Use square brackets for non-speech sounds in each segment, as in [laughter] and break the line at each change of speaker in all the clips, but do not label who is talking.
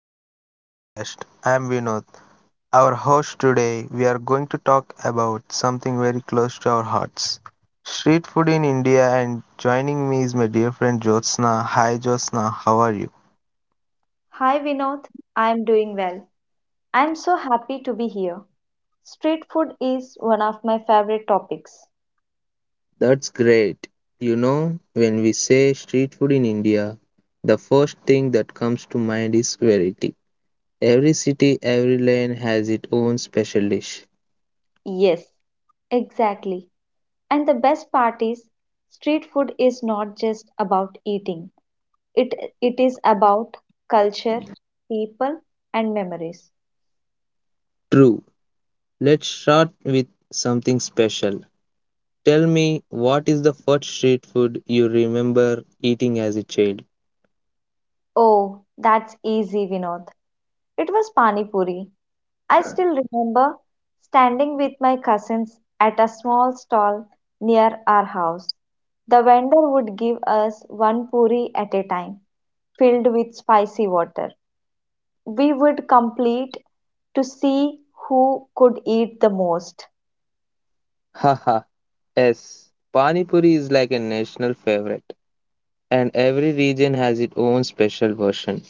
welcome to our podcast. I am Vinod, our host today. We are going to talk about something very close to our hearts street food in India. And joining me is my dear friend Jyotsna. Hi Jyotsna, how are you?
Hi Vinod, I'm doing well. I'm so happy to be here. Street food is one of my favorite topics.
That's great. When we say street food in India, the first thing that comes to mind is variety. Every city, every lane has its own special dish.
Yes, exactly. And the best part is street food is not just about eating. It it is about culture, people and memories.
True. Let's start with something special. Tell me, what is the first street food you remember eating as a child?
Oh, that's easy Vinod. It was pani puri. I still remember standing with my cousins at a small stall near our house. The vendor would give us one puri at a time, filled with spicy water. We would complete to see who could eat the most.
Haha, yes. Pani Puri is like a national favorite, and every region has its own special version.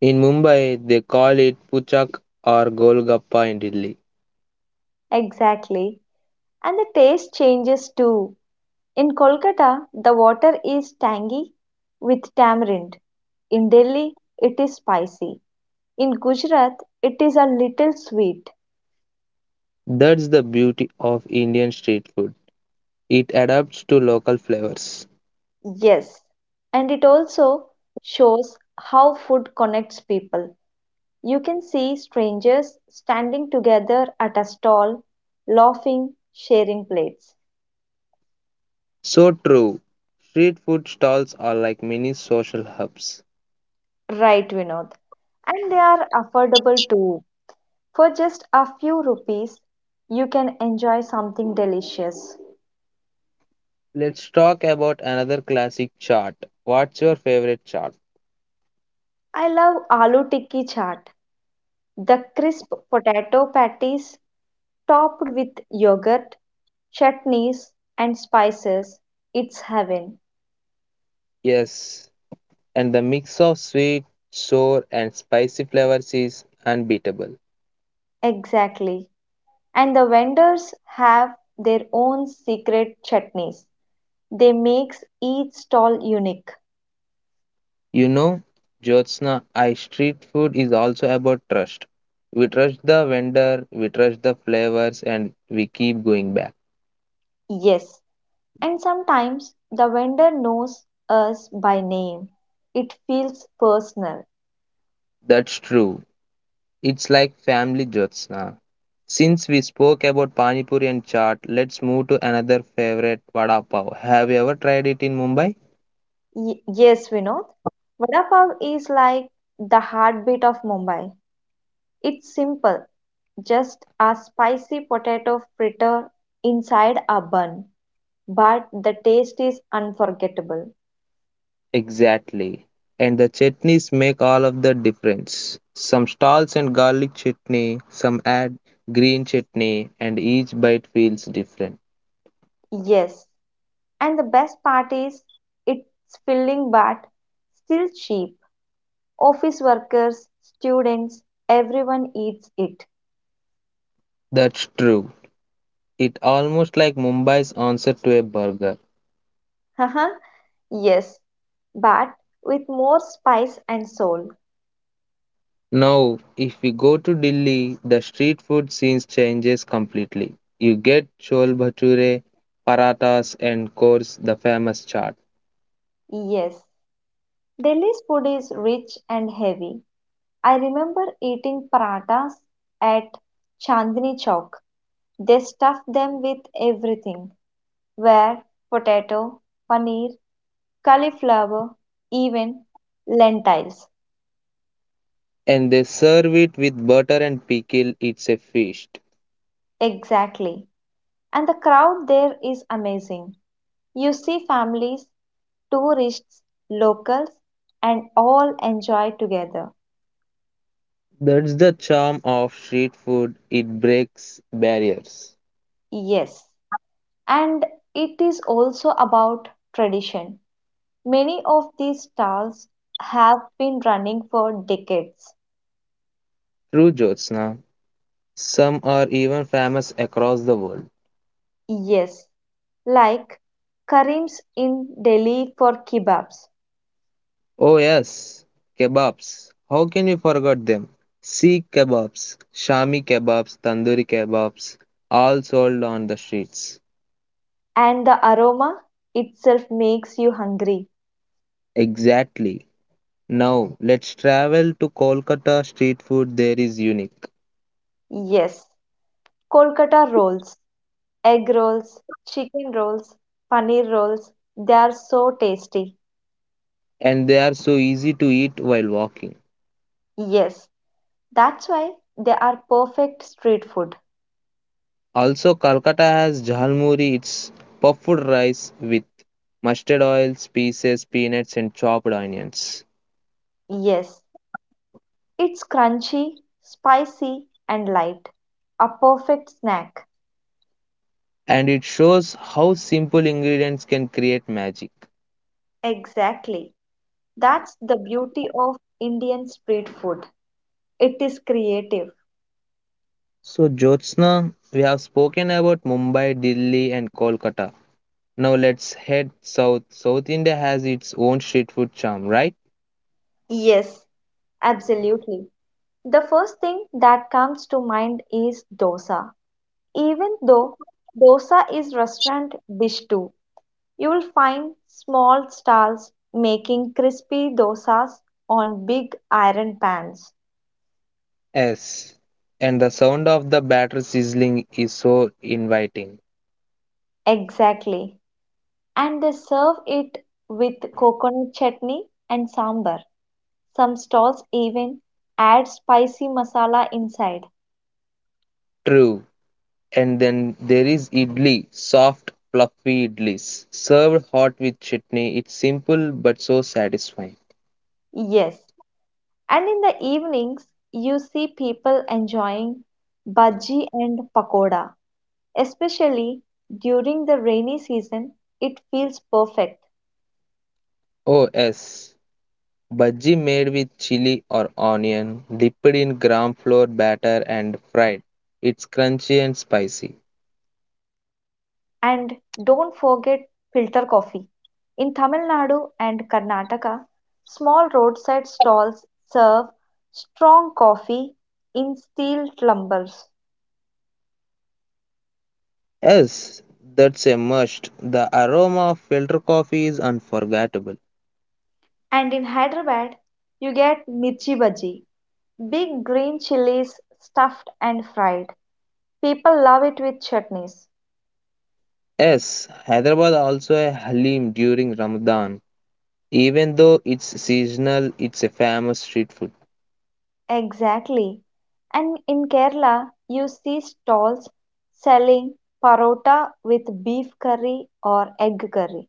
In Mumbai, they call it puchak or golgappa in Delhi.
Exactly. And the taste changes too. In Kolkata, the water is tangy with tamarind. In Delhi, it is spicy. In Gujarat, it is a little sweet.
That's the beauty of Indian street food. It adapts to local flavors.
Yes, and it also shows how food connects people. You can see strangers standing together at a stall, laughing, sharing plates.
So true. Street food stalls are like mini social hubs.
Right, Vinod. And they are affordable too. For just a few rupees, you can enjoy something delicious.
Let's talk about another classic chart. What's your favorite chart?
I love aloo tikki chaat, the crisp potato patties topped with yogurt, chutneys, and spices. It's heaven.
Yes, and the mix of sweet, sour, and spicy flavors is unbeatable.
Exactly. And the vendors have their own secret chutneys. They makes each stall unique.
You know, Jyotsna, I street food is also about trust. We trust the vendor, we trust the flavors, and we keep going back.
Yes. And sometimes the vendor knows us by name. It feels personal.
That's true. It's like family, Jyotsna. Since we spoke about Pani Puri and chaat, let's move to another favorite, Vada Pav. Have you ever tried it in Mumbai?
Yes, Vinod. Vada pav is like the heartbeat of Mumbai. It's simple, just a spicy potato fritter inside a bun, but the taste is unforgettable.
Exactly. And the chutneys make all of the difference. Some stalls and garlic chutney, some add green chutney, and each bite feels different.
Yes, and the best part is it's filling but still cheap. Office workers, students, everyone eats it.
That's true. It almost like Mumbai's answer to a burger.
[laughs] Haha, yes, but with more spice and soul.
Now, if we go to Delhi, the street food scene changes completely. You get chol bhature, paratas, and of course the famous chaat.
Yes. Delhi's food is rich and heavy. I remember eating parathas at Chandni Chowk. They stuff them with everything where potato, paneer, cauliflower, even lentils.
And they serve it with butter and pickle. It's a feast.
Exactly. And the crowd there is amazing. You see families, tourists, locals, and all enjoy together.
That's the charm of street food. It breaks barriers.
Yes. And it is also about tradition. Many of these stalls have been running for decades.
True, Jyotsna. Some are even famous across the world.
Yes, like Karim's in Delhi for kebabs,
Oh, yes. Kebabs. How can you forget them? Sikh kebabs, Shami kebabs, Tandoori kebabs, all sold on the streets.
and the aroma itself makes you hungry.
Exactly. Now, let's travel to Kolkata. Street food there is unique,
Yes, Kolkata rolls, egg rolls, chicken rolls, paneer rolls, they are so tasty.
and they are so easy to eat while walking.
Yes, that's why they are perfect street food.
Also, Kolkata has jhalmuri, it's puffed rice with mustard oil, spices, peanuts, and chopped onions.
Yes, it's crunchy, spicy, and light. A perfect snack.
And it shows how simple ingredients can create magic.
Exactly. That's the beauty of Indian street food. It is creative.
So, Jyotsna, we have spoken about Mumbai, Delhi, and Kolkata. Now, let's head south. South India has its own street food charm, right?
Yes, absolutely. The first thing that comes to mind is dosa. Even though dosa is restaurant dish too, you will find small stalls making crispy dosas on big iron pans.
Yes. And the sound of the batter sizzling is so inviting.
Exactly. And they serve it with coconut chutney and sambar. Some stalls even add spicy masala inside.
True. And then there is idli, soft, fluffy idlis, served hot with chutney. It's simple but so satisfying.
Yes, and in the evenings you see people enjoying bhaji and pakoda. Especially during the rainy season, it feels perfect.
Oh, yes. Bhaji made with chili or onion, dipped in gram flour batter and fried. It's crunchy and spicy.
And don't forget filter coffee. In Tamil Nadu and Karnataka, small roadside stalls serve strong coffee in steel tumbler.
Yes, that's a must. The aroma of filter coffee is unforgettable.
And in Hyderabad, you get mirchi bhaji, big green chilies stuffed and fried. People love it with chutneys.
Yes, Hyderabad also a halim during Ramadan. Even though it's seasonal, it's a famous street food.
Exactly. And in Kerala, you see stalls selling parota with beef curry or egg curry.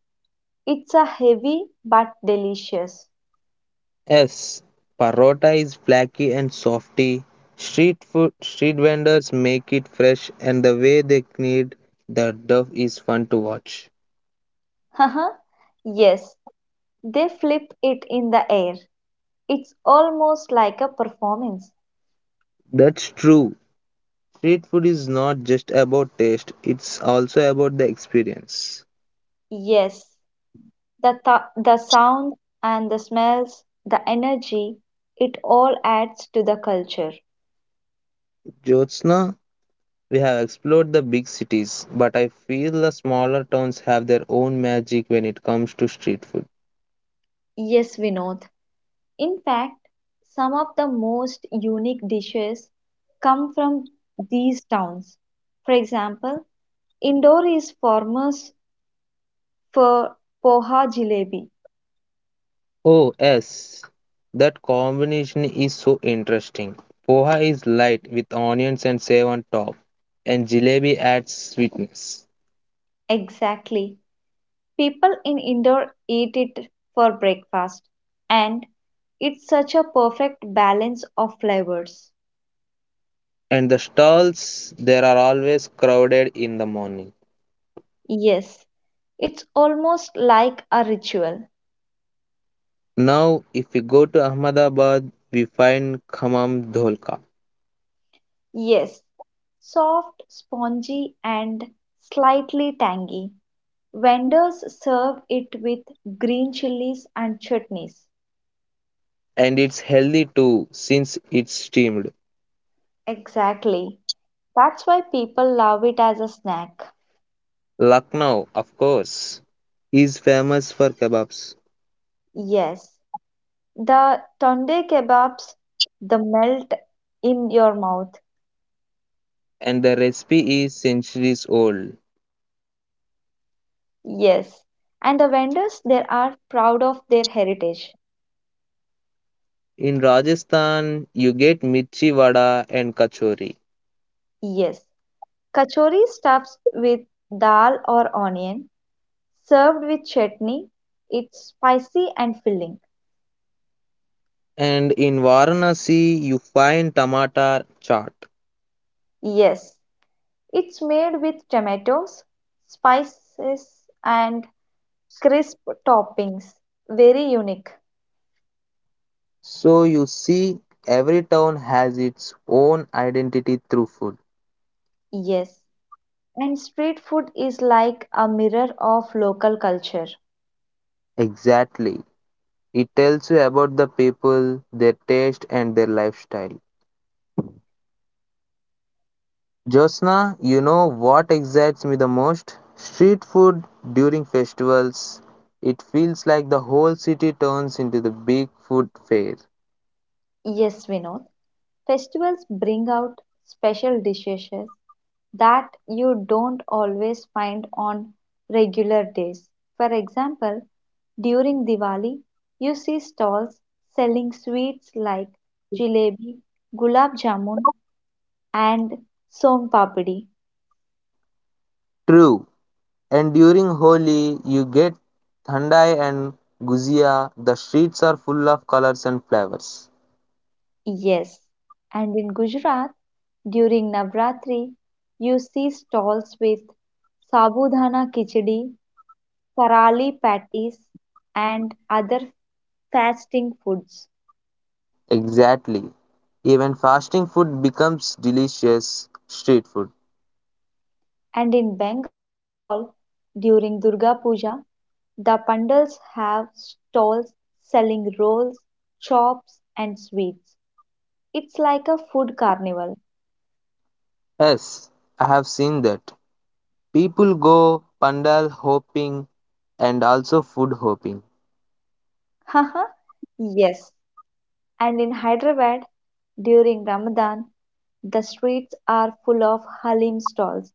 It's a heavy but delicious.
Yes, parota is flaky and softy. Street food, street vendors make it fresh, and the way they knead the dough is fun to watch.
[laughs] Haha. Yes, they flip it in the air. It's almost like a performance.
That's true. Street food is not just about taste; it's also about the experience.
Yes, the sound and the smells, the energy, it all adds to the culture.
Jyotsna, we have explored the big cities, but I feel the smaller towns have their own magic when it comes to street food.
Yes, Vinod. In fact, some of the most unique dishes come from these towns. For example, Indore is famous for poha jalebi.
Oh, yes, that combination is so interesting. Poha is light with onions and save on top, and jalebi adds sweetness.
Exactly. People in Indore eat it for breakfast, and it's such a perfect balance of flavors.
And the stalls there are always crowded in the morning.
Yes, it's almost like a ritual.
Now, if we go to Ahmedabad, we find Khammam Dholka.
Yes, soft, spongy, and slightly tangy. Vendors serve it with green chilies and chutneys.
And it's healthy too since it's steamed.
Exactly. That's why people love it as a snack.
Lucknow, of course, is famous for kebabs,
Yes, the tunde kebabs, the melt in your mouth.
and the recipe is centuries old.
Yes, and the vendors there are proud of their heritage.
In Rajasthan, you get mirchi vada and kachori,
Yes, Kachori stuffed with dal or onion, served with chutney. It's spicy and filling.
and in Varanasi, you find tomato chaat.
Yes, it's made with tomatoes, spices, and crisp toppings. Very unique.
So you see, every town has its own identity through food.
Yes, and street food is like a mirror of local culture.
Exactly. It tells you about the people, their taste, and their lifestyle. Josna, what excites me the most? Street food during festivals. It feels like the whole city turns into the big food fair.
Yes, Vinod. Festivals bring out special dishes that you don't always find on regular days. For example, during Diwali, you see stalls selling sweets like jalebi, gulab jamun, and son papdi.
True. And during Holi, you get thandai and guzia. The streets are full of colors and flavors.
Yes. And in Gujarat, during Navratri, you see stalls with sabudana khichdi, Karali patties and other fasting foods,
Exactly. Even fasting food becomes delicious street food.
and in Bengal during Durga Puja the pandals have stalls selling rolls, chops, and sweets. It's like a food carnival.
Yes, I have seen that. People go pandal hopping and also food hopping.
[laughs] Haha, yes. And in Hyderabad during Ramadan, the streets are full of halim stalls.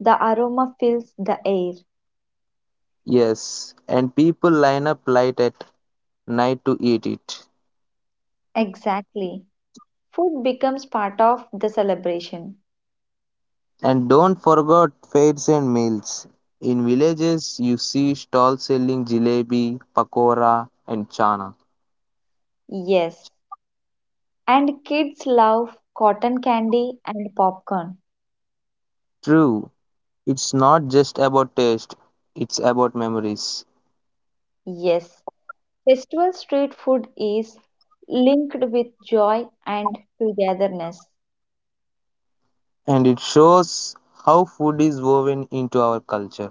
The aroma fills the air.
Yes, and people line up late at night to eat it.
Exactly. Food becomes part of the celebration.
And don't forget fairs and meals. In villages, you see stalls selling jalebi, pakora, and chana.
Yes, and kids love cotton candy and popcorn.
True, it's not just about taste, it's about memories.
Yes, festival street food is linked with joy and togetherness.
And it shows how food is woven into our culture.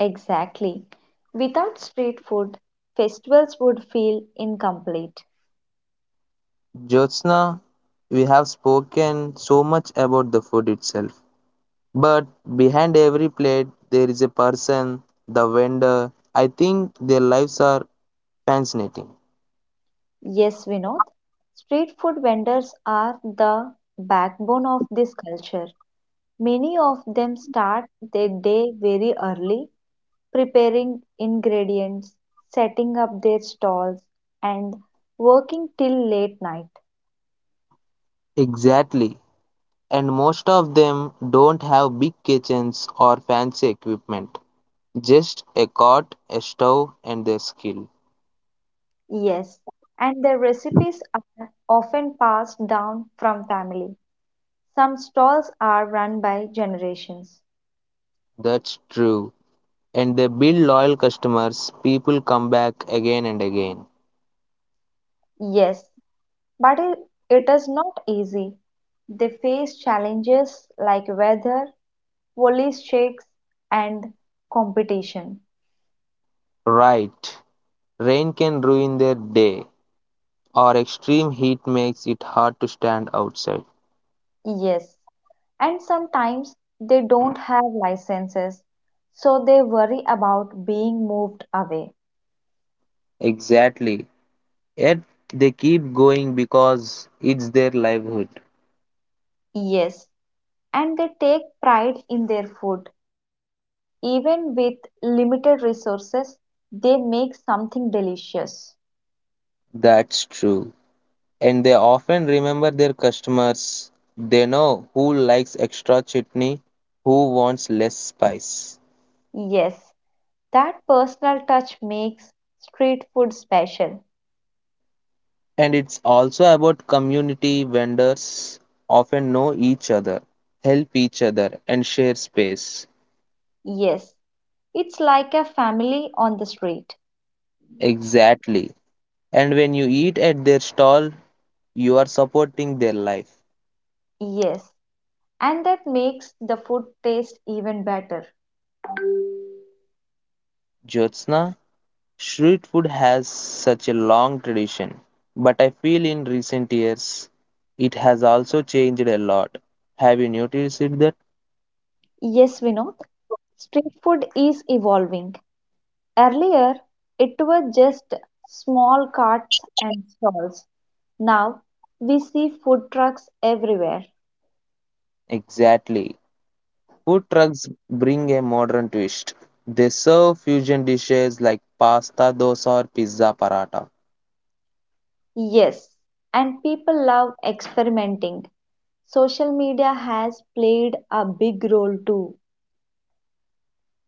Exactly. Without street food, festivals would feel incomplete.
Jyotsna, we have spoken so much about the food itself. But behind every plate, there is a person, the vendor. I think their lives are fascinating.
Yes, Vinod, street food vendors are the backbone of this culture. Many of them start their day very early, preparing ingredients, setting up their stalls, and working till late night.
Exactly. And most of them don't have big kitchens or fancy equipment, just a cot, a stove, and their skill.
Yes, and their recipes are often passed down from family. Some stalls are run by generations.
That's true. And they build loyal customers, people come back again and again.
Yes, but it is not easy. They face challenges like weather, police checks, and competition.
Right. Rain can ruin their day, or extreme heat makes it hard to stand outside.
Yes, and sometimes they don't have licenses, so they worry about being moved away.
Exactly. Yet they keep going because it's their livelihood.
Yes, and they take pride in their food. Even with limited resources, they make something delicious.
That's true. And they often remember their customers. They know who likes extra chutney, who wants less spice.
Yes, that personal touch makes street food special.
And it's also about community vendors often know each other, help each other, and share space.
Yes, it's like a family on the street.
Exactly. And when you eat at their stall, you are supporting their life.
Yes, and that makes the food taste even better.
Jyotsna, street food has such a long tradition, but I feel in recent years it has also changed a lot. Have you noticed it that?
Yes, Vinod. Street food is evolving. Earlier, it was just small carts and stalls. Now, we see food trucks everywhere.
Exactly. Food trucks bring a modern twist. They serve fusion dishes like pasta, dosa, or pizza paratha.
Yes, and people love experimenting. Social media has played a big role too.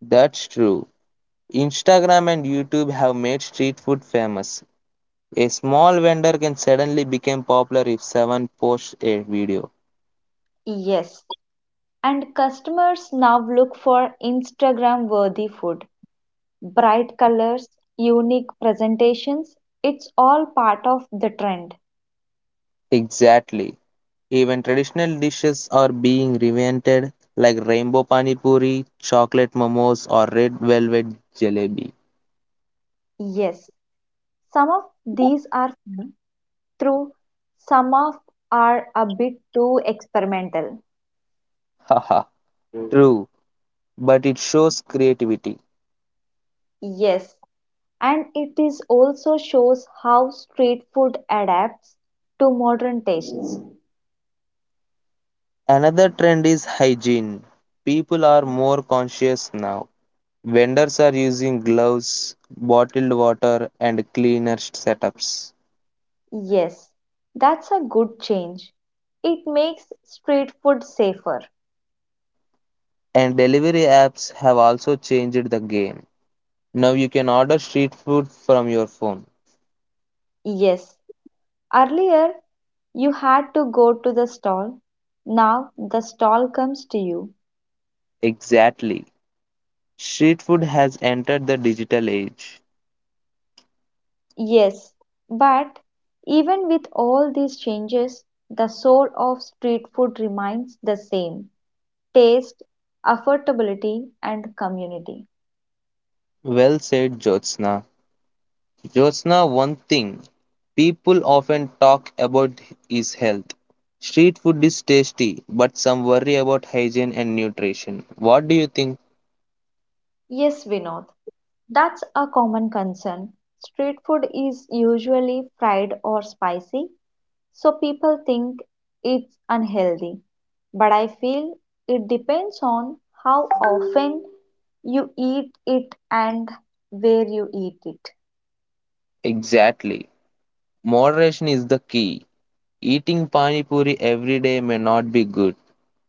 That's true. Instagram and YouTube have made street food famous. A small vendor can suddenly become popular if someone posts a video.
Yes, and customers now look for Instagram worthy food. Bright colors, unique presentations, it's all part of the trend.
Exactly. Even traditional dishes are being reinvented, like rainbow pani puri, chocolate momos, or red velvet jalebi.
Yes. Some of these are fun, true, some of are a bit too experimental.
Haha, true, but it shows creativity.
Yes, and it is also shows how street food adapts to modern tastes.
Another trend is hygiene. People are more conscious now. Vendors are using gloves, bottled water, and cleaner setups.
Yes, that's a good change. It makes street food safer.
And delivery apps have also changed the game. Now you can order street food from your phone.
Yes, earlier you had to go to the stall. Now the stall comes to you.
Exactly. Street food has entered the digital age.
Yes, but even with all these changes, the soul of street food remains the same taste, affordability, and community.
Well said, Jyotsna. Jyotsna, one thing people often talk about is health. Street food is tasty, but some worry about hygiene and nutrition. What do you think?
Yes, Vinod, that's a common concern. Street food is usually fried or spicy, so people think it's unhealthy. But I feel it depends on how often you eat it and where you eat it.
Exactly. Moderation is the key. Eating pani puri every day may not be good,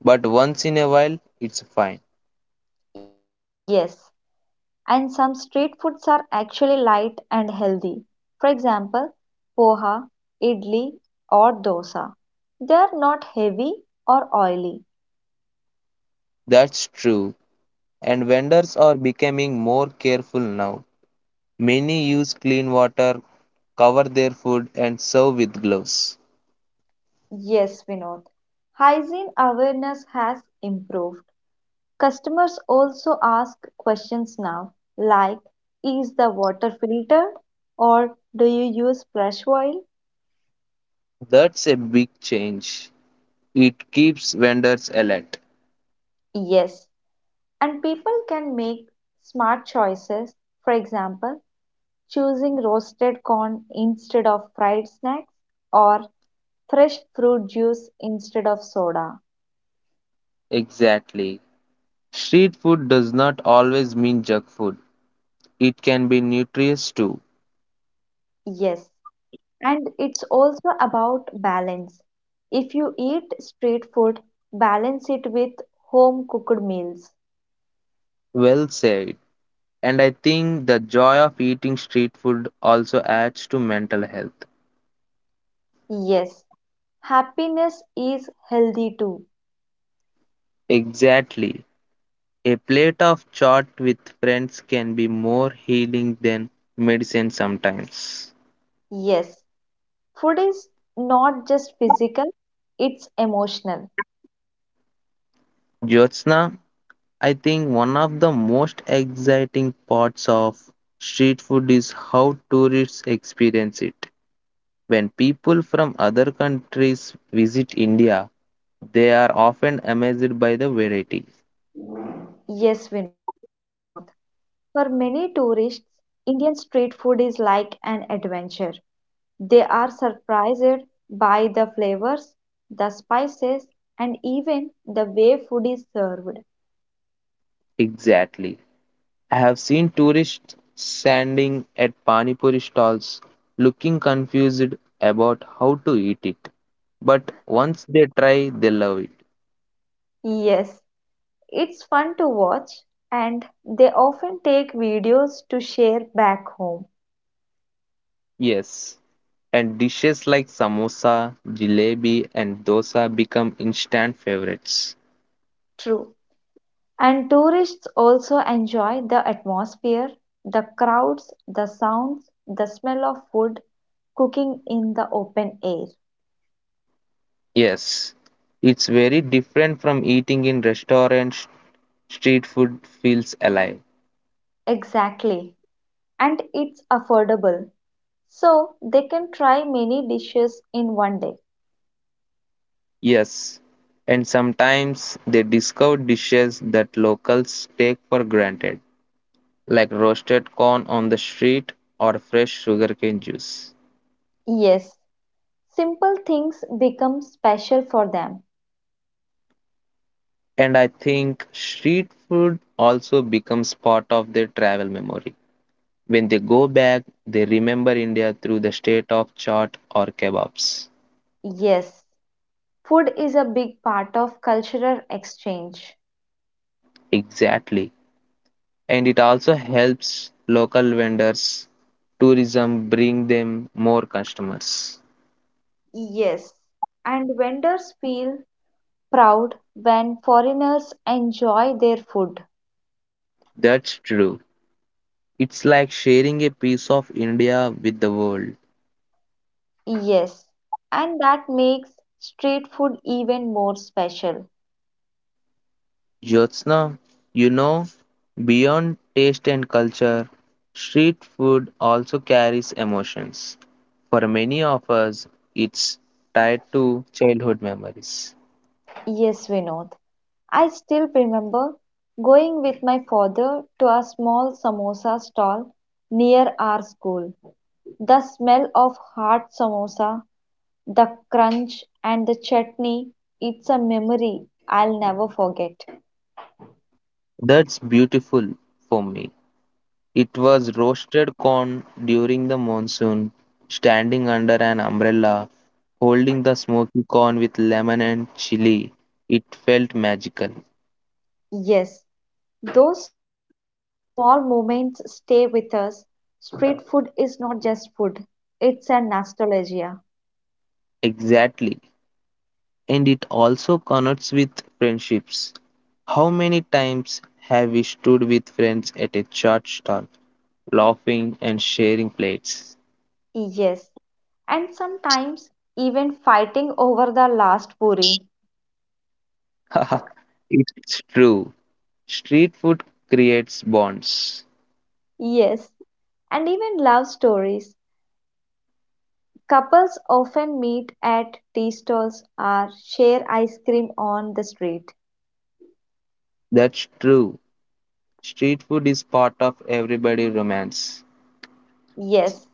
but once in a while it's fine.
Yes, and some street foods are actually light and healthy. For example, poha, idli, or dosa. They are not heavy or oily.
That's true. And vendors are becoming more careful now. Many use clean water, cover their food, and serve with gloves.
Yes, Vinod. Hygiene awareness has improved. Customers also ask questions now, like, "Is the water filtered?" or "Do you use fresh oil?"
That's a big change. It keeps vendors alert.
Yes. And people can make smart choices. For example, choosing roasted corn instead of fried snacks or fresh fruit juice instead of soda.
Exactly. Street food does not always mean junk food. It can be nutritious too.
Yes, and it's also about balance. If you eat street food, balance it with home cooked meals.
Well said. And I think the joy of eating street food also adds to mental health.
Yes, happiness is healthy too.
Exactly. A plate of chaat with friends can be more healing than medicine sometimes.
Yes, food is not just physical, it's emotional.
Jyotsna, I think one of the most exciting parts of street food is how tourists experience it. When people from other countries visit India, they are often amazed by the variety.
Yes, Vinod. For many tourists, Indian street food is like an adventure. They are surprised by the flavors, the spices, and even the way food is served.
Exactly. I have seen tourists standing at Pani Puri stalls looking confused about how to eat it. But once they try, they love it.
Yes, it's fun to watch, and they often take videos to share back home.
Yes, and dishes like samosa, jalebi, and dosa become instant favorites.
True. And tourists also enjoy the atmosphere, the crowds, the sounds, the smell of food, cooking in the open air.
Yes, it's very different from eating in restaurants. Street food feels alive.
Exactly. And it's affordable. So they can try many dishes in one day.
Yes, and sometimes they discover dishes that locals take for granted, like roasted corn on the street or fresh sugarcane juice.
Yes, simple things become special for them.
And I think street food also becomes part of their travel memory. When they go back, they remember India through the state of chaat or kebabs.
Yes, food is a big part of cultural exchange.
Exactly. And it also helps local vendors, tourism bring them more customers.
Yes, and vendors feel proud when foreigners enjoy their food.
That's true. It's like sharing a piece of India with the world.
Yes, and that makes street food even more special.
Jyotsna, you know, beyond taste and culture, street food also carries emotions. For many of us, it's tied to childhood memories.
Yes, Vinod. I still remember going with my father to a small samosa stall near our school. The smell of hot samosa, the crunch, and the chutney, it's a memory I'll never forget.
That's beautiful for me. It was roasted corn during the monsoon, standing under an umbrella, holding the smoky corn with lemon and chili. It felt magical.
Yes, those small moments stay with us. Street food is not just food, it's a nostalgia.
Exactly. And it also connects with friendships. How many times have we stood with friends at a church stall, laughing and sharing plates?
Yes, and sometimes even fighting over the last puri.
[laughs] Haha, it's true. Street food creates bonds.
Yes, and even love stories. Couples often meet at tea stalls or share ice cream on the street.
That's true. Street food is part of everybody' romance.
Yes,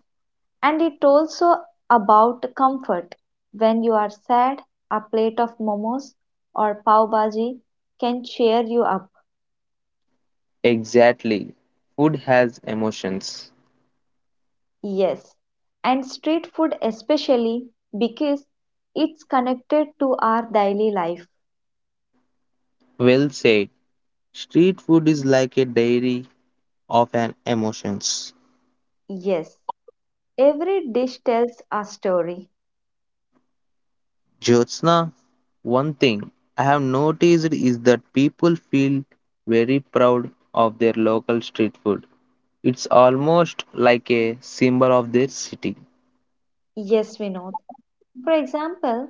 and it also about comfort. When you are sad, a plate of momos or pav bhaji can cheer you up.
Exactly. Food has emotions.
Yes, and street food especially because it's connected to our daily life.
Well said. Street food is like a diary of an emotions.
Yes, every dish tells a story.
Jyotsna, one thing I have noticed is that people feel very proud of their local street food. It's almost like a symbol of their city.
Yes, Vinod. For example,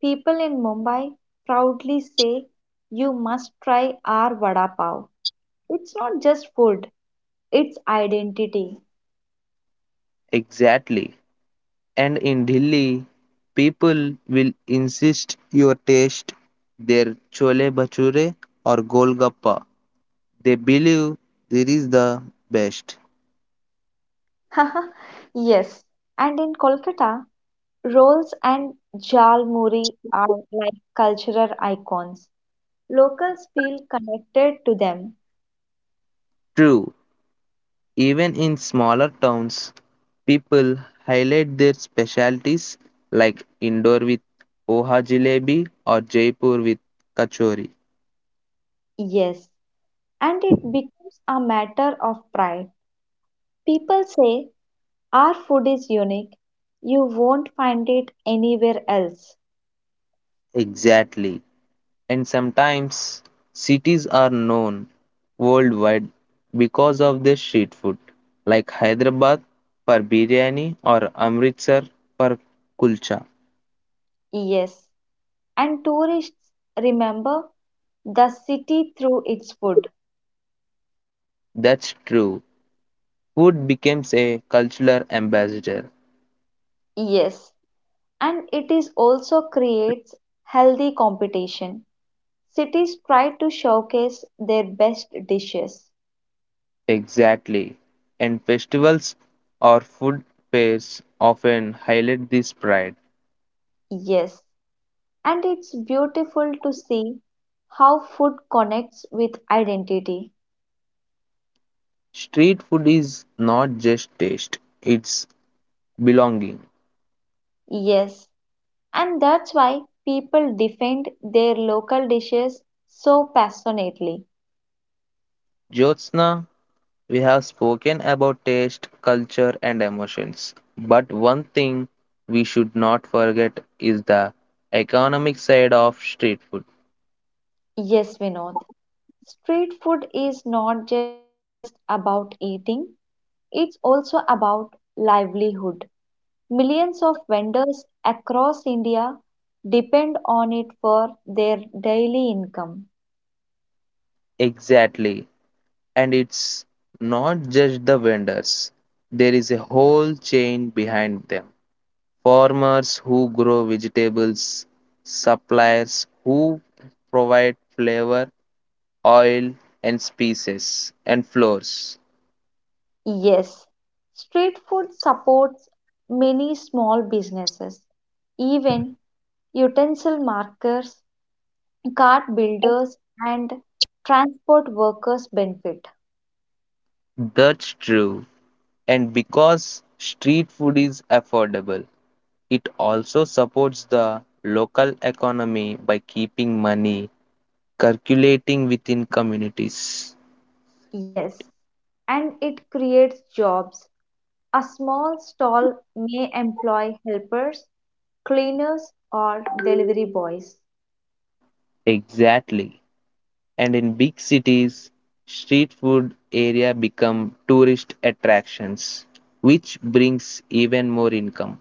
people in Mumbai proudly say, "You must try our vada pav. It's not just food, it's identity."
Exactly. And in Delhi, people will insist you taste their chole bhature or golgappa. They believe this is the best.
[laughs] Yes. And in Kolkata, rolls and jal muri are like cultural icons. Locals feel connected to them.
True, even in smaller towns, people highlight their specialties like Indore with Oha Jalebi or Jaipur with Kachori.
Yes. And it becomes a matter of pride. People say, "Our food is unique. You won't find it anywhere else."
Exactly. And sometimes cities are known worldwide because of their street food, like Hyderabad for biryani or Amritsar for kulcha.
Yes. And tourists remember the city through its food.
That's true. Food becomes a cultural ambassador.
Yes, and it is also creates healthy competition. Cities try to showcase their best dishes.
Exactly. And festivals or food fairs often highlight this pride.
Yes, and it's beautiful to see how food connects with identity.
Street food is not just taste, it's belonging.
Yes, and that's why people defend their local dishes so passionately.
Jyotsna, we have spoken about taste, culture, and emotions, but one thing we should not forget is the economic side of street food.
Yes, Vinod. Street food is not just about eating, it's also about livelihood. Millions of vendors across India depend on it for their daily income.
Exactly. And it's not just the vendors, there is a whole chain behind them. Farmers who grow vegetables, suppliers who provide flavor, oil, and spices and flours.
Yes, street food supports many small businesses, even utensil markers, cart builders, and transport workers benefit.
That's true. And because street food is affordable, it also supports the local economy by keeping money circulating within communities.
Yes, and it creates jobs. A small stall may employ helpers, cleaners, or delivery boys.
Exactly. And in big cities, street food area become tourist attractions, which brings even more income.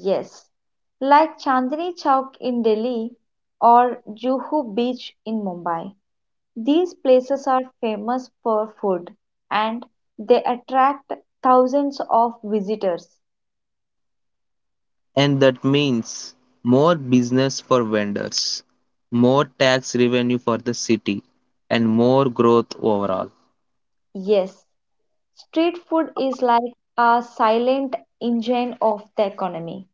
Yes, like Chandni Chowk in Delhi or Juhu Beach in Mumbai. These places are famous for food and they attract thousands of visitors.
And that means more business for vendors, more tax revenue for the city, and more growth overall.
Yes, street food is like a silent engine of the economy.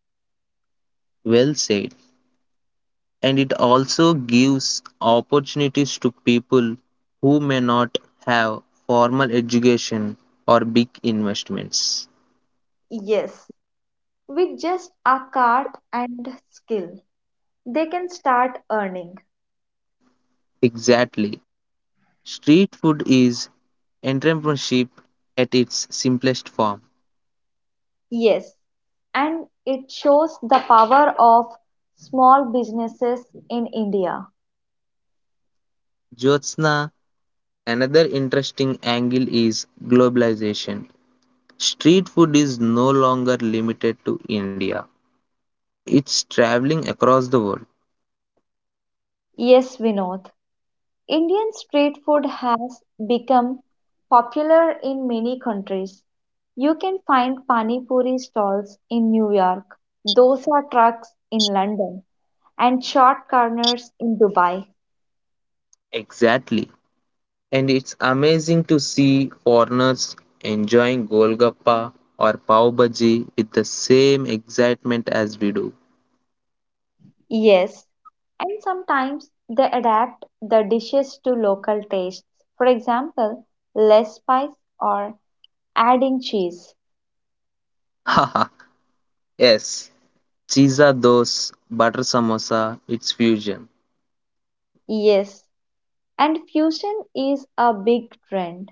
Well said. And it also gives opportunities to people who may not have formal education or big investments.
Yes. With just a cart and skill, they can start earning.
Exactly. Street food is entrepreneurship at its simplest form.
Yes, and it shows the power of small businesses in India.
Jyotsna, another interesting angle is globalization. Street food is no longer limited to India. It's traveling across the world.
Yes, Vinod, Indian street food has become popular in many countries. You can find pani puri stalls in New York, dosa trucks in London, and short corners in Dubai.
Exactly. And it's amazing to see foreigners enjoying Golgappa or Pav Bhaji with the same excitement as we do.
Yes, and sometimes they adapt the dishes to local tastes. For example, less spice or adding cheese.
Haha, [laughs] yes, Chisa Dos, Butter Samosa, it's fusion.
Yes, and fusion is a big trend.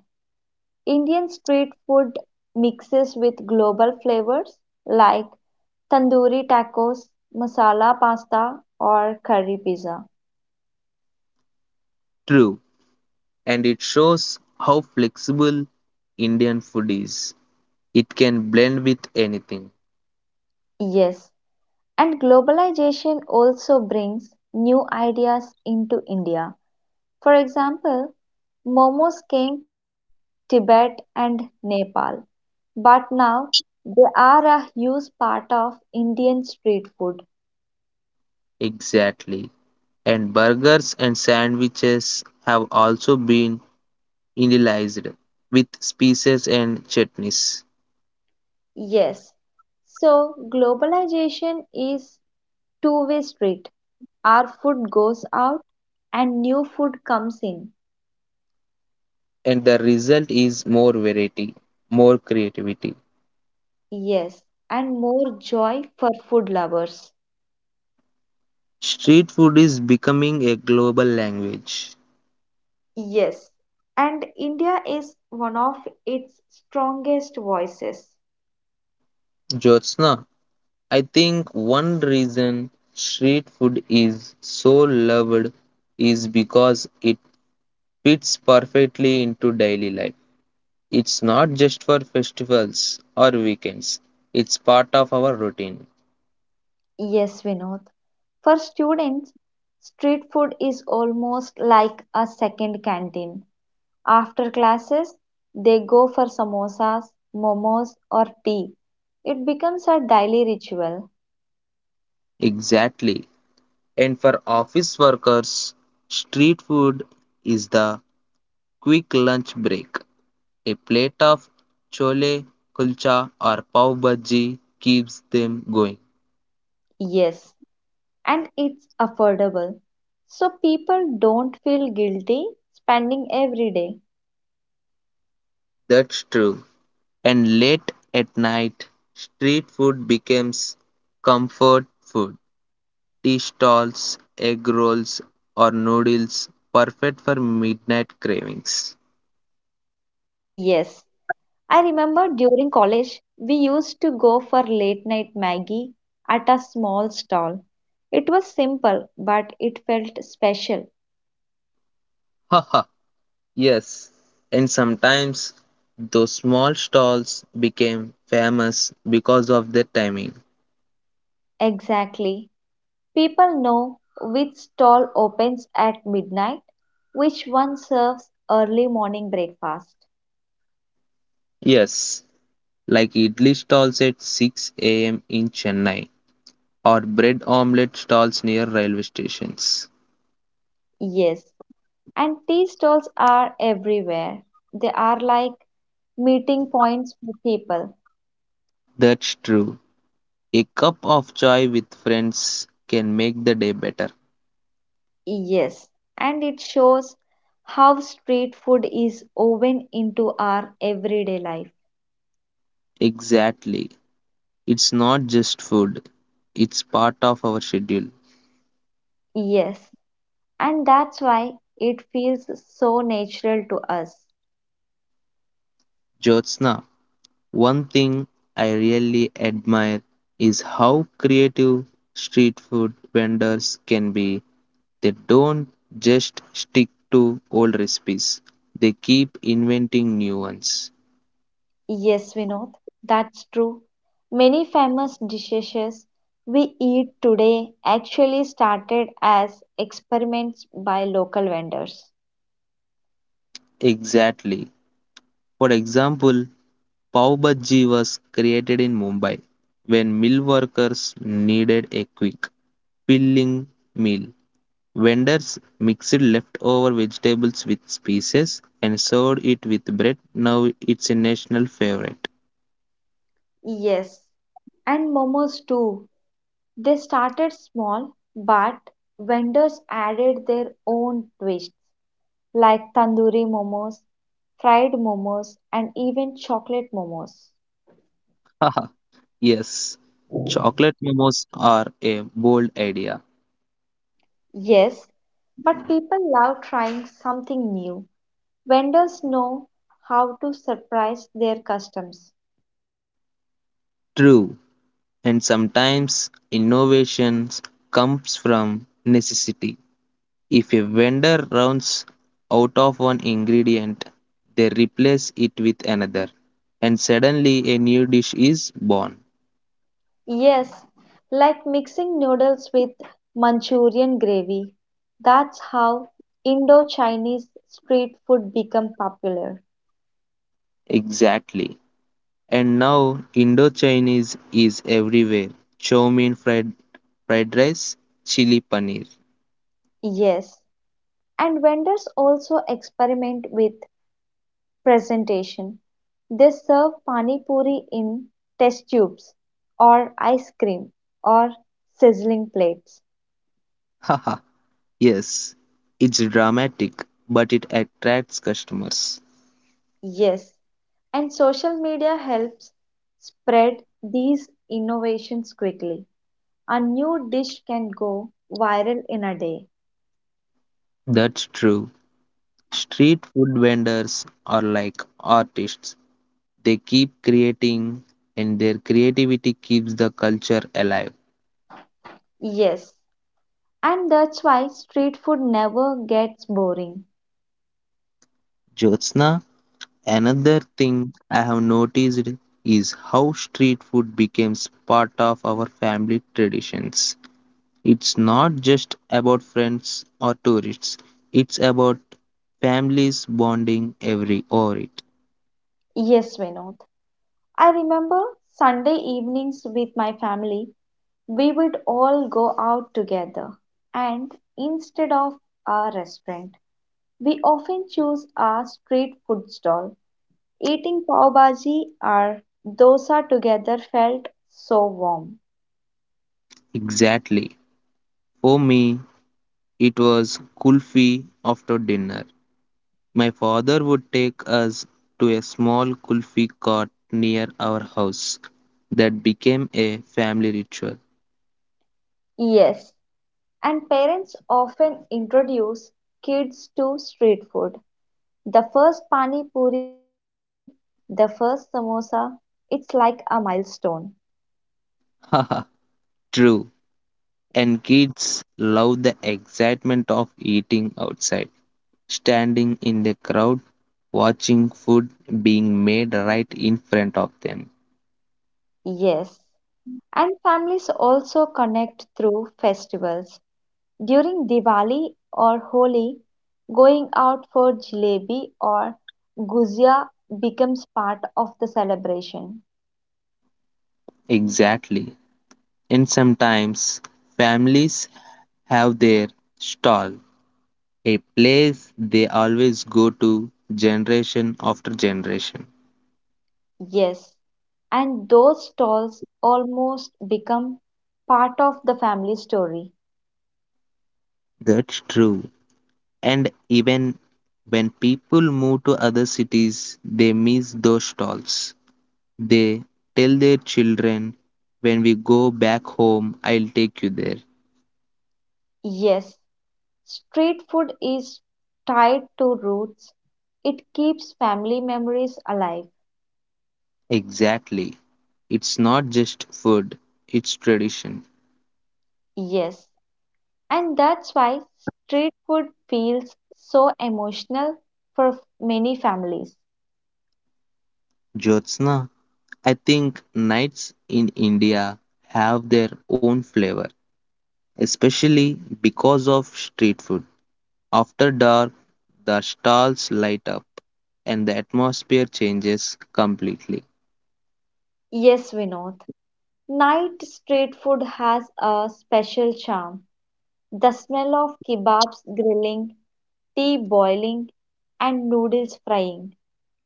Indian street food mixes with global flavors like tandoori tacos, masala pasta, or curry pizza.
True, and it shows how flexible Indian food is. It can blend with anything.
Yes, and globalization also brings new ideas into India. For example, momos came from Tibet and Nepal, but now they are a huge part of Indian street food.
Exactly. And burgers and sandwiches have also been Indianized with spices and chutneys.
Yes, so globalization is two-way street. Our food goes out and new food comes in.
And the result is more variety, more creativity.
Yes, and more joy for food lovers.
Street food is becoming a global language.
Yes, and India is one of its strongest voices.
Jyotsna, I think one reason street food is so loved is because it fits perfectly into daily life. It's not just for festivals or weekends, it's part of our routine.
Yes, Vinod. For students, street food is almost like a second canteen. After classes, they go for samosas, momos, or tea. It becomes a daily ritual.
Exactly. And for office workers, street food is the quick lunch break. A plate of chole kulcha or pav bhaji keeps them going.
Yes, and it's affordable. So people don't feel guilty spending every day.
That's true. And late at night, street food becomes comfort food. Tea stalls, egg rolls, or noodles, perfect for midnight cravings.
Yes, I remember during college, we used to go for late night Maggie at a small stall. It was simple, but it felt special.
Haha, [laughs] yes. And sometimes those small stalls became famous because of their timing.
Exactly. People know which stall opens at midnight, which one serves early morning breakfast.
Yes, like idli stalls at 6 a.m. in Chennai or bread omelette stalls near railway stations.
Yes, and tea stalls are everywhere. They are like meeting points for people.
That's true. A cup of chai with friends can make the day better.
Yes, and it shows how street food is woven into our everyday life.
Exactly. It's not just food, it's part of our schedule.
Yes, and that's why it feels so natural to us.
Jyotsna, one thing I really admire is how creative street food vendors can be. They don't just stick to old recipes, they keep inventing new ones.
Yes, Vinod, that's true. Many famous dishes we eat today actually started as experiments by local vendors.
Exactly. For example, Pav Bhaji was created in Mumbai when mill workers needed a quick filling meal. Vendors mixed leftover vegetables with spices and served it with bread. Now it's a national favorite.
Yes, and momos too. They started small, but vendors added their own twists, like tandoori momos, fried momos, and even chocolate momos.
Haha, yes, chocolate momos are a bold idea.
Yes, but people love trying something new. Vendors know how to surprise their customers.
True, and sometimes innovations comes from necessity. If a vendor runs out of one ingredient, they replace it with another, and suddenly a new dish is born.
Yes, like mixing noodles with Manchurian gravy. That's how Indo Chinese street food became popular.
Exactly. And now Indo-Chinese is everywhere. Chow mein fried, fried rice, chili paneer.
Yes, and vendors also experiment with presentation. They serve pani puri in test tubes, or ice cream, or sizzling plates.
Haha, [laughs] yes. It's dramatic, but it attracts customers.
Yes, and social media helps spread these innovations quickly. A new dish can go viral in a day.
That's true. Street food vendors are like artists. They keep creating, and their creativity keeps the culture alive.
Yes, and that's why street food never gets boring.
Jyotsna, another thing I have noticed is how street food becomes part of our family traditions. It's not just about friends or tourists, it's about families bonding every over it.
Yes, Vinod. I remember Sunday evenings with my family. We would all go out together, and instead of a restaurant, we often choose a street food stall. Eating pav bhaji or dosa together felt so warm.
Exactly. For me, it was kulfi after dinner. My father would take us to a small kulfi cart near our house. That became a family ritual.
Yes, and parents often introduce kids to street food. The first pani puri, the first samosa, it's like a milestone.
Haha, [laughs] true. And kids love the excitement of eating outside, standing in the crowd, watching food being made right in front of them.
Yes, and families also connect through festivals. During Diwali or Holi, going out for jalebi or guzia becomes part of the celebration.
Exactly. And sometimes families have their stall, a place they always go to generation after generation.
Yes, and those stalls almost become part of the family story.
That's true. And even when people move to other cities, they miss those stalls. They tell their children, when we go back home, I'll take you there.
Yes, street food is tied to roots. It keeps family memories alive.
Exactly. It's not just food, it's tradition.
Yes, and that's why street food feels so emotional for many families.
Jyotsna, I think nights in India have their own flavor, especially because of street food. After dark, the stalls light up and the atmosphere changes completely.
Yes, Vinod. Night street food has a special charm. The smell of kebabs grilling, tea boiling, and noodles frying.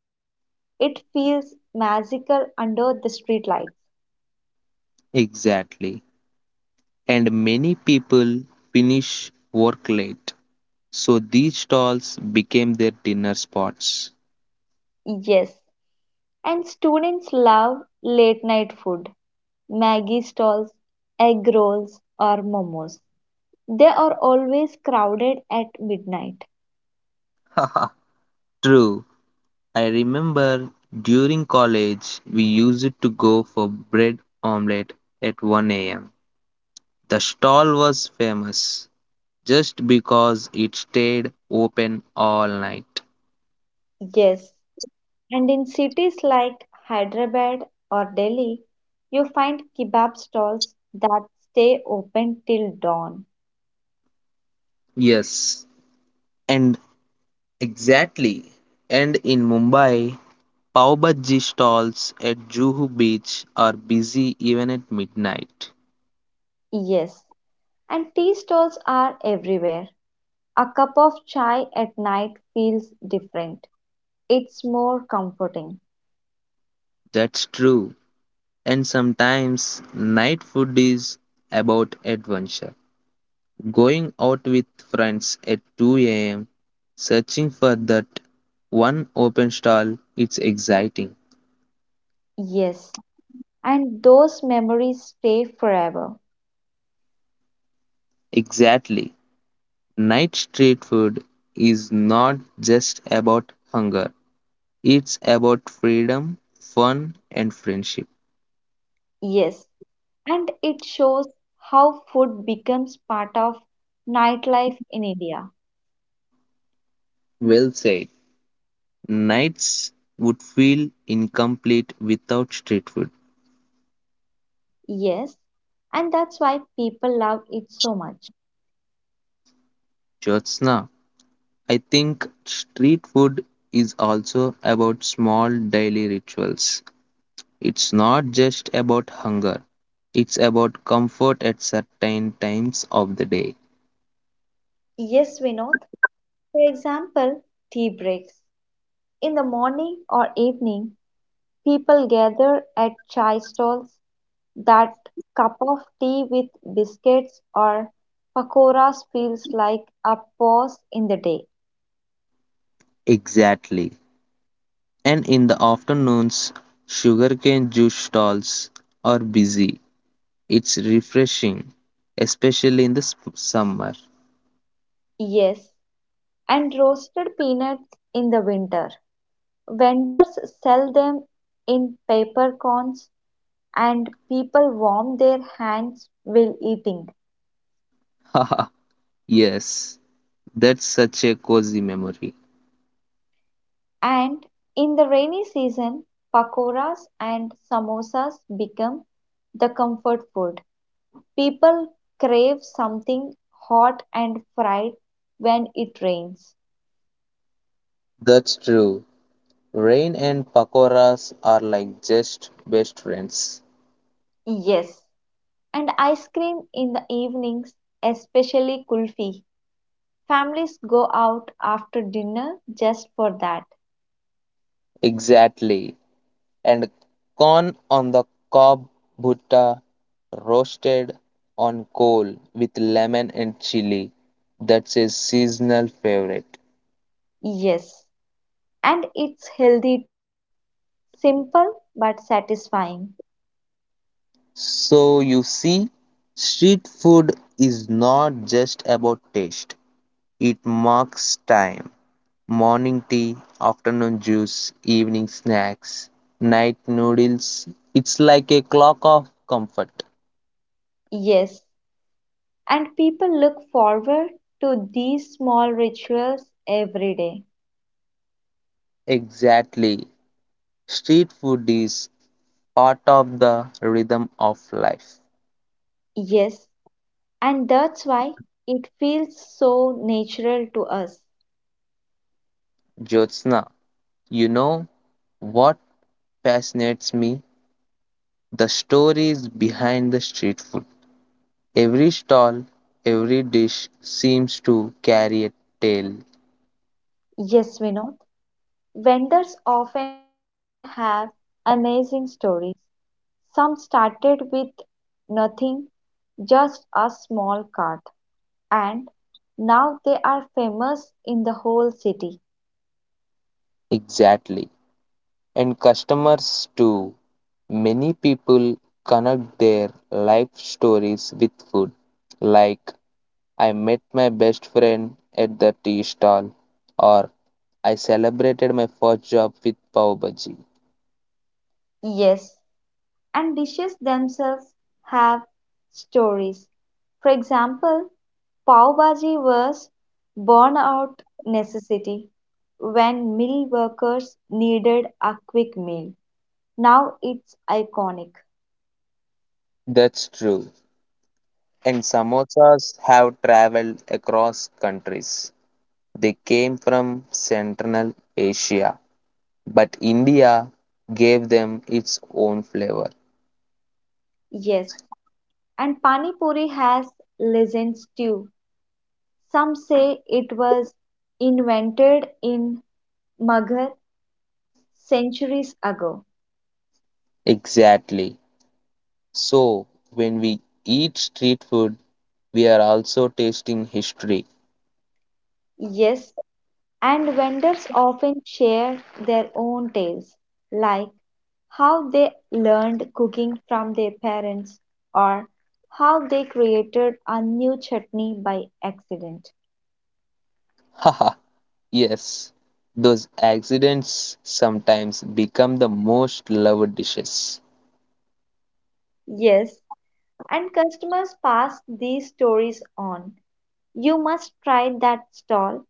It feels magical under the street lights.
Exactly. And many people finish work late, so these stalls became their dinner spots.
Yes, and students love late night food. Maggie stalls, egg rolls, or momos. They are always crowded at midnight.
[laughs] Haha, true. I remember during college we used to go for bread omelette at 1 a.m. The stall was famous just because it stayed open all night.
Yes, and in cities like Hyderabad or Delhi, you find kebab stalls that stay open till dawn.
Yes. And exactly. And in Mumbai, pav bhaji stalls at Juhu Beach are busy even at midnight.
Yes, and tea stalls are everywhere. A cup of chai at night feels different. It's more comforting.
That's true. And sometimes night food is about adventure. Going out with friends at 2 a.m., searching for that one open stall, it's exciting.
Yes, and those memories stay forever.
Exactly. Night street food is not just about hunger, it's about freedom, fun, and friendship.
Yes, and it shows how food becomes part of nightlife in India.
Well said. Nights would feel incomplete without street food.
Yes, and that's why people love it so much.
Jyotsna, I think street food is also about small daily rituals. It's not just about hunger, it's about comfort at certain times of the day.
Yes, Vinod. For example, tea breaks. In the morning or evening, people gather at chai stalls. That cup of tea with biscuits or pakoras feels like a pause in the day.
Exactly. And in the afternoons, sugarcane juice stalls are busy. It's refreshing, especially in the summer.
Yes, and roasted peanuts in the winter. Vendors sell them in paper cones and people warm their hands while eating.
[laughs] Haha, yes, that's such a cozy memory.
And in the rainy season, pakoras and samosas become the comfort food. People crave something hot and fried when it rains.
That's true. Rain and pakoras are like just best friends.
Yes, and ice cream in the evenings, especially kulfi. Families go out after dinner just for that.
Exactly. And corn on the cob bhutta roasted on coal with lemon and chili. That's a seasonal favorite.
Yes, and it's healthy too. Simple but satisfying.
So you see, street food is not just about taste. It marks time: morning tea, afternoon juice, evening snacks, night noodles. It's like a clock of comfort.
Yes, and people look forward to these small rituals every day.
Exactly. Street food is part of the rhythm of life.
Yes, and that's why it feels so natural to us.
Jyotsna, you know what fascinates me? The stories behind the street food. Every stall, every dish seems to carry a tale.
Yes, Vinod. Vendors often have amazing stories. Some started with nothing, just a small cart, and now they are famous in the whole city.
Exactly. And customers too. Many people connect their life stories with food, like I met my best friend at the tea stall, or I celebrated my first job with pav bhaji.
Yes, and dishes themselves have stories. For example, pav bhaji was born out necessity when mill workers needed a quick meal. Now it's iconic.
That's true. And samosas have traveled across countries. They came from Central Asia, but India gave them its own flavor.
Yes, and pani puri has legends too. Some say it was invented in Maghar centuries ago.
Exactly. So, when we eat street food, we are also tasting history.
Yes, and vendors often share their own tales, like how they learned cooking from their parents or how they created a new chutney by accident.
Haha, [laughs] yes. Those accidents sometimes become the most loved dishes.
Yes, and customers pass these stories on. You must try that stall.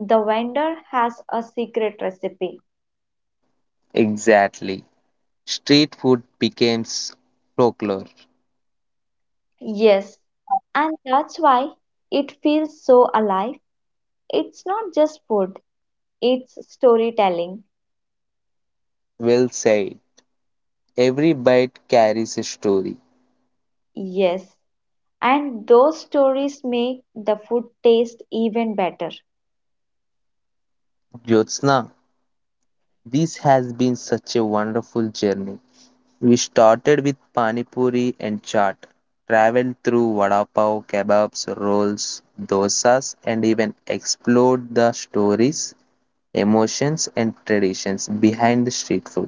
The vendor has a secret recipe.
Exactly. Street food becomes folklore.
Yes, and that's why it feels so alive. It's not just food, it's storytelling.
Well said. Every bite carries a story.
Yes, and those stories make the food taste even better.
Jyotsna, this has been such a wonderful journey. We started with pani puri and chaat, traveled through vada pav, kebabs, rolls, dosas, and even explored the stories, emotions and traditions behind the street food.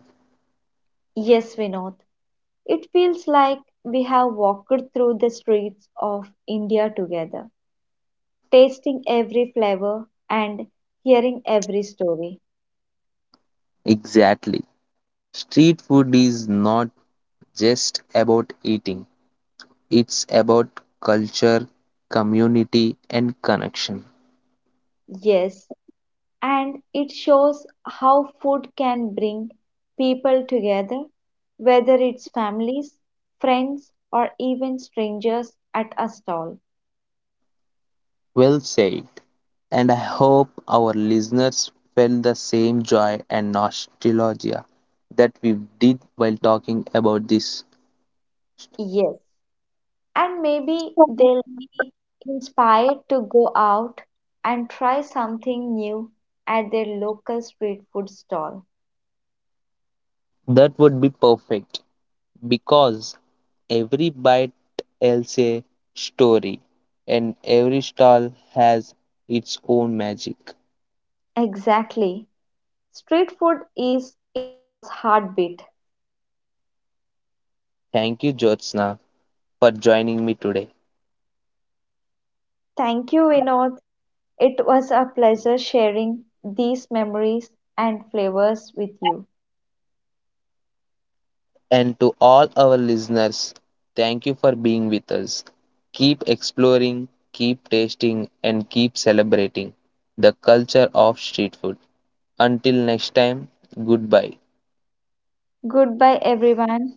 Yes, Vinod, it feels like we have walked through the streets of India together, tasting every flavor and hearing every story.
Exactly. Street food is not just about eating, it's about culture, community, and connection.
Yes, and it shows how food can bring people together, whether it's families, friends, or even strangers at a stall.
Well said. And I hope our listeners felt the same joy and nostalgia that we did while talking about this.
Yes, and maybe they'll be inspired to go out and try something new at their local street food stall.
That would be perfect because every bite tells a story, and every stall has its own magic.
Exactly. Street food is India's heartbeat.
Thank you, Jyotsna, for joining me today.
Thank you, Vinod. It was a pleasure sharing these memories and flavors with you.
And to all our listeners, thank you for being with us. Keep exploring, keep tasting, and keep celebrating the culture of street food. Until next time, goodbye.
Goodbye, everyone.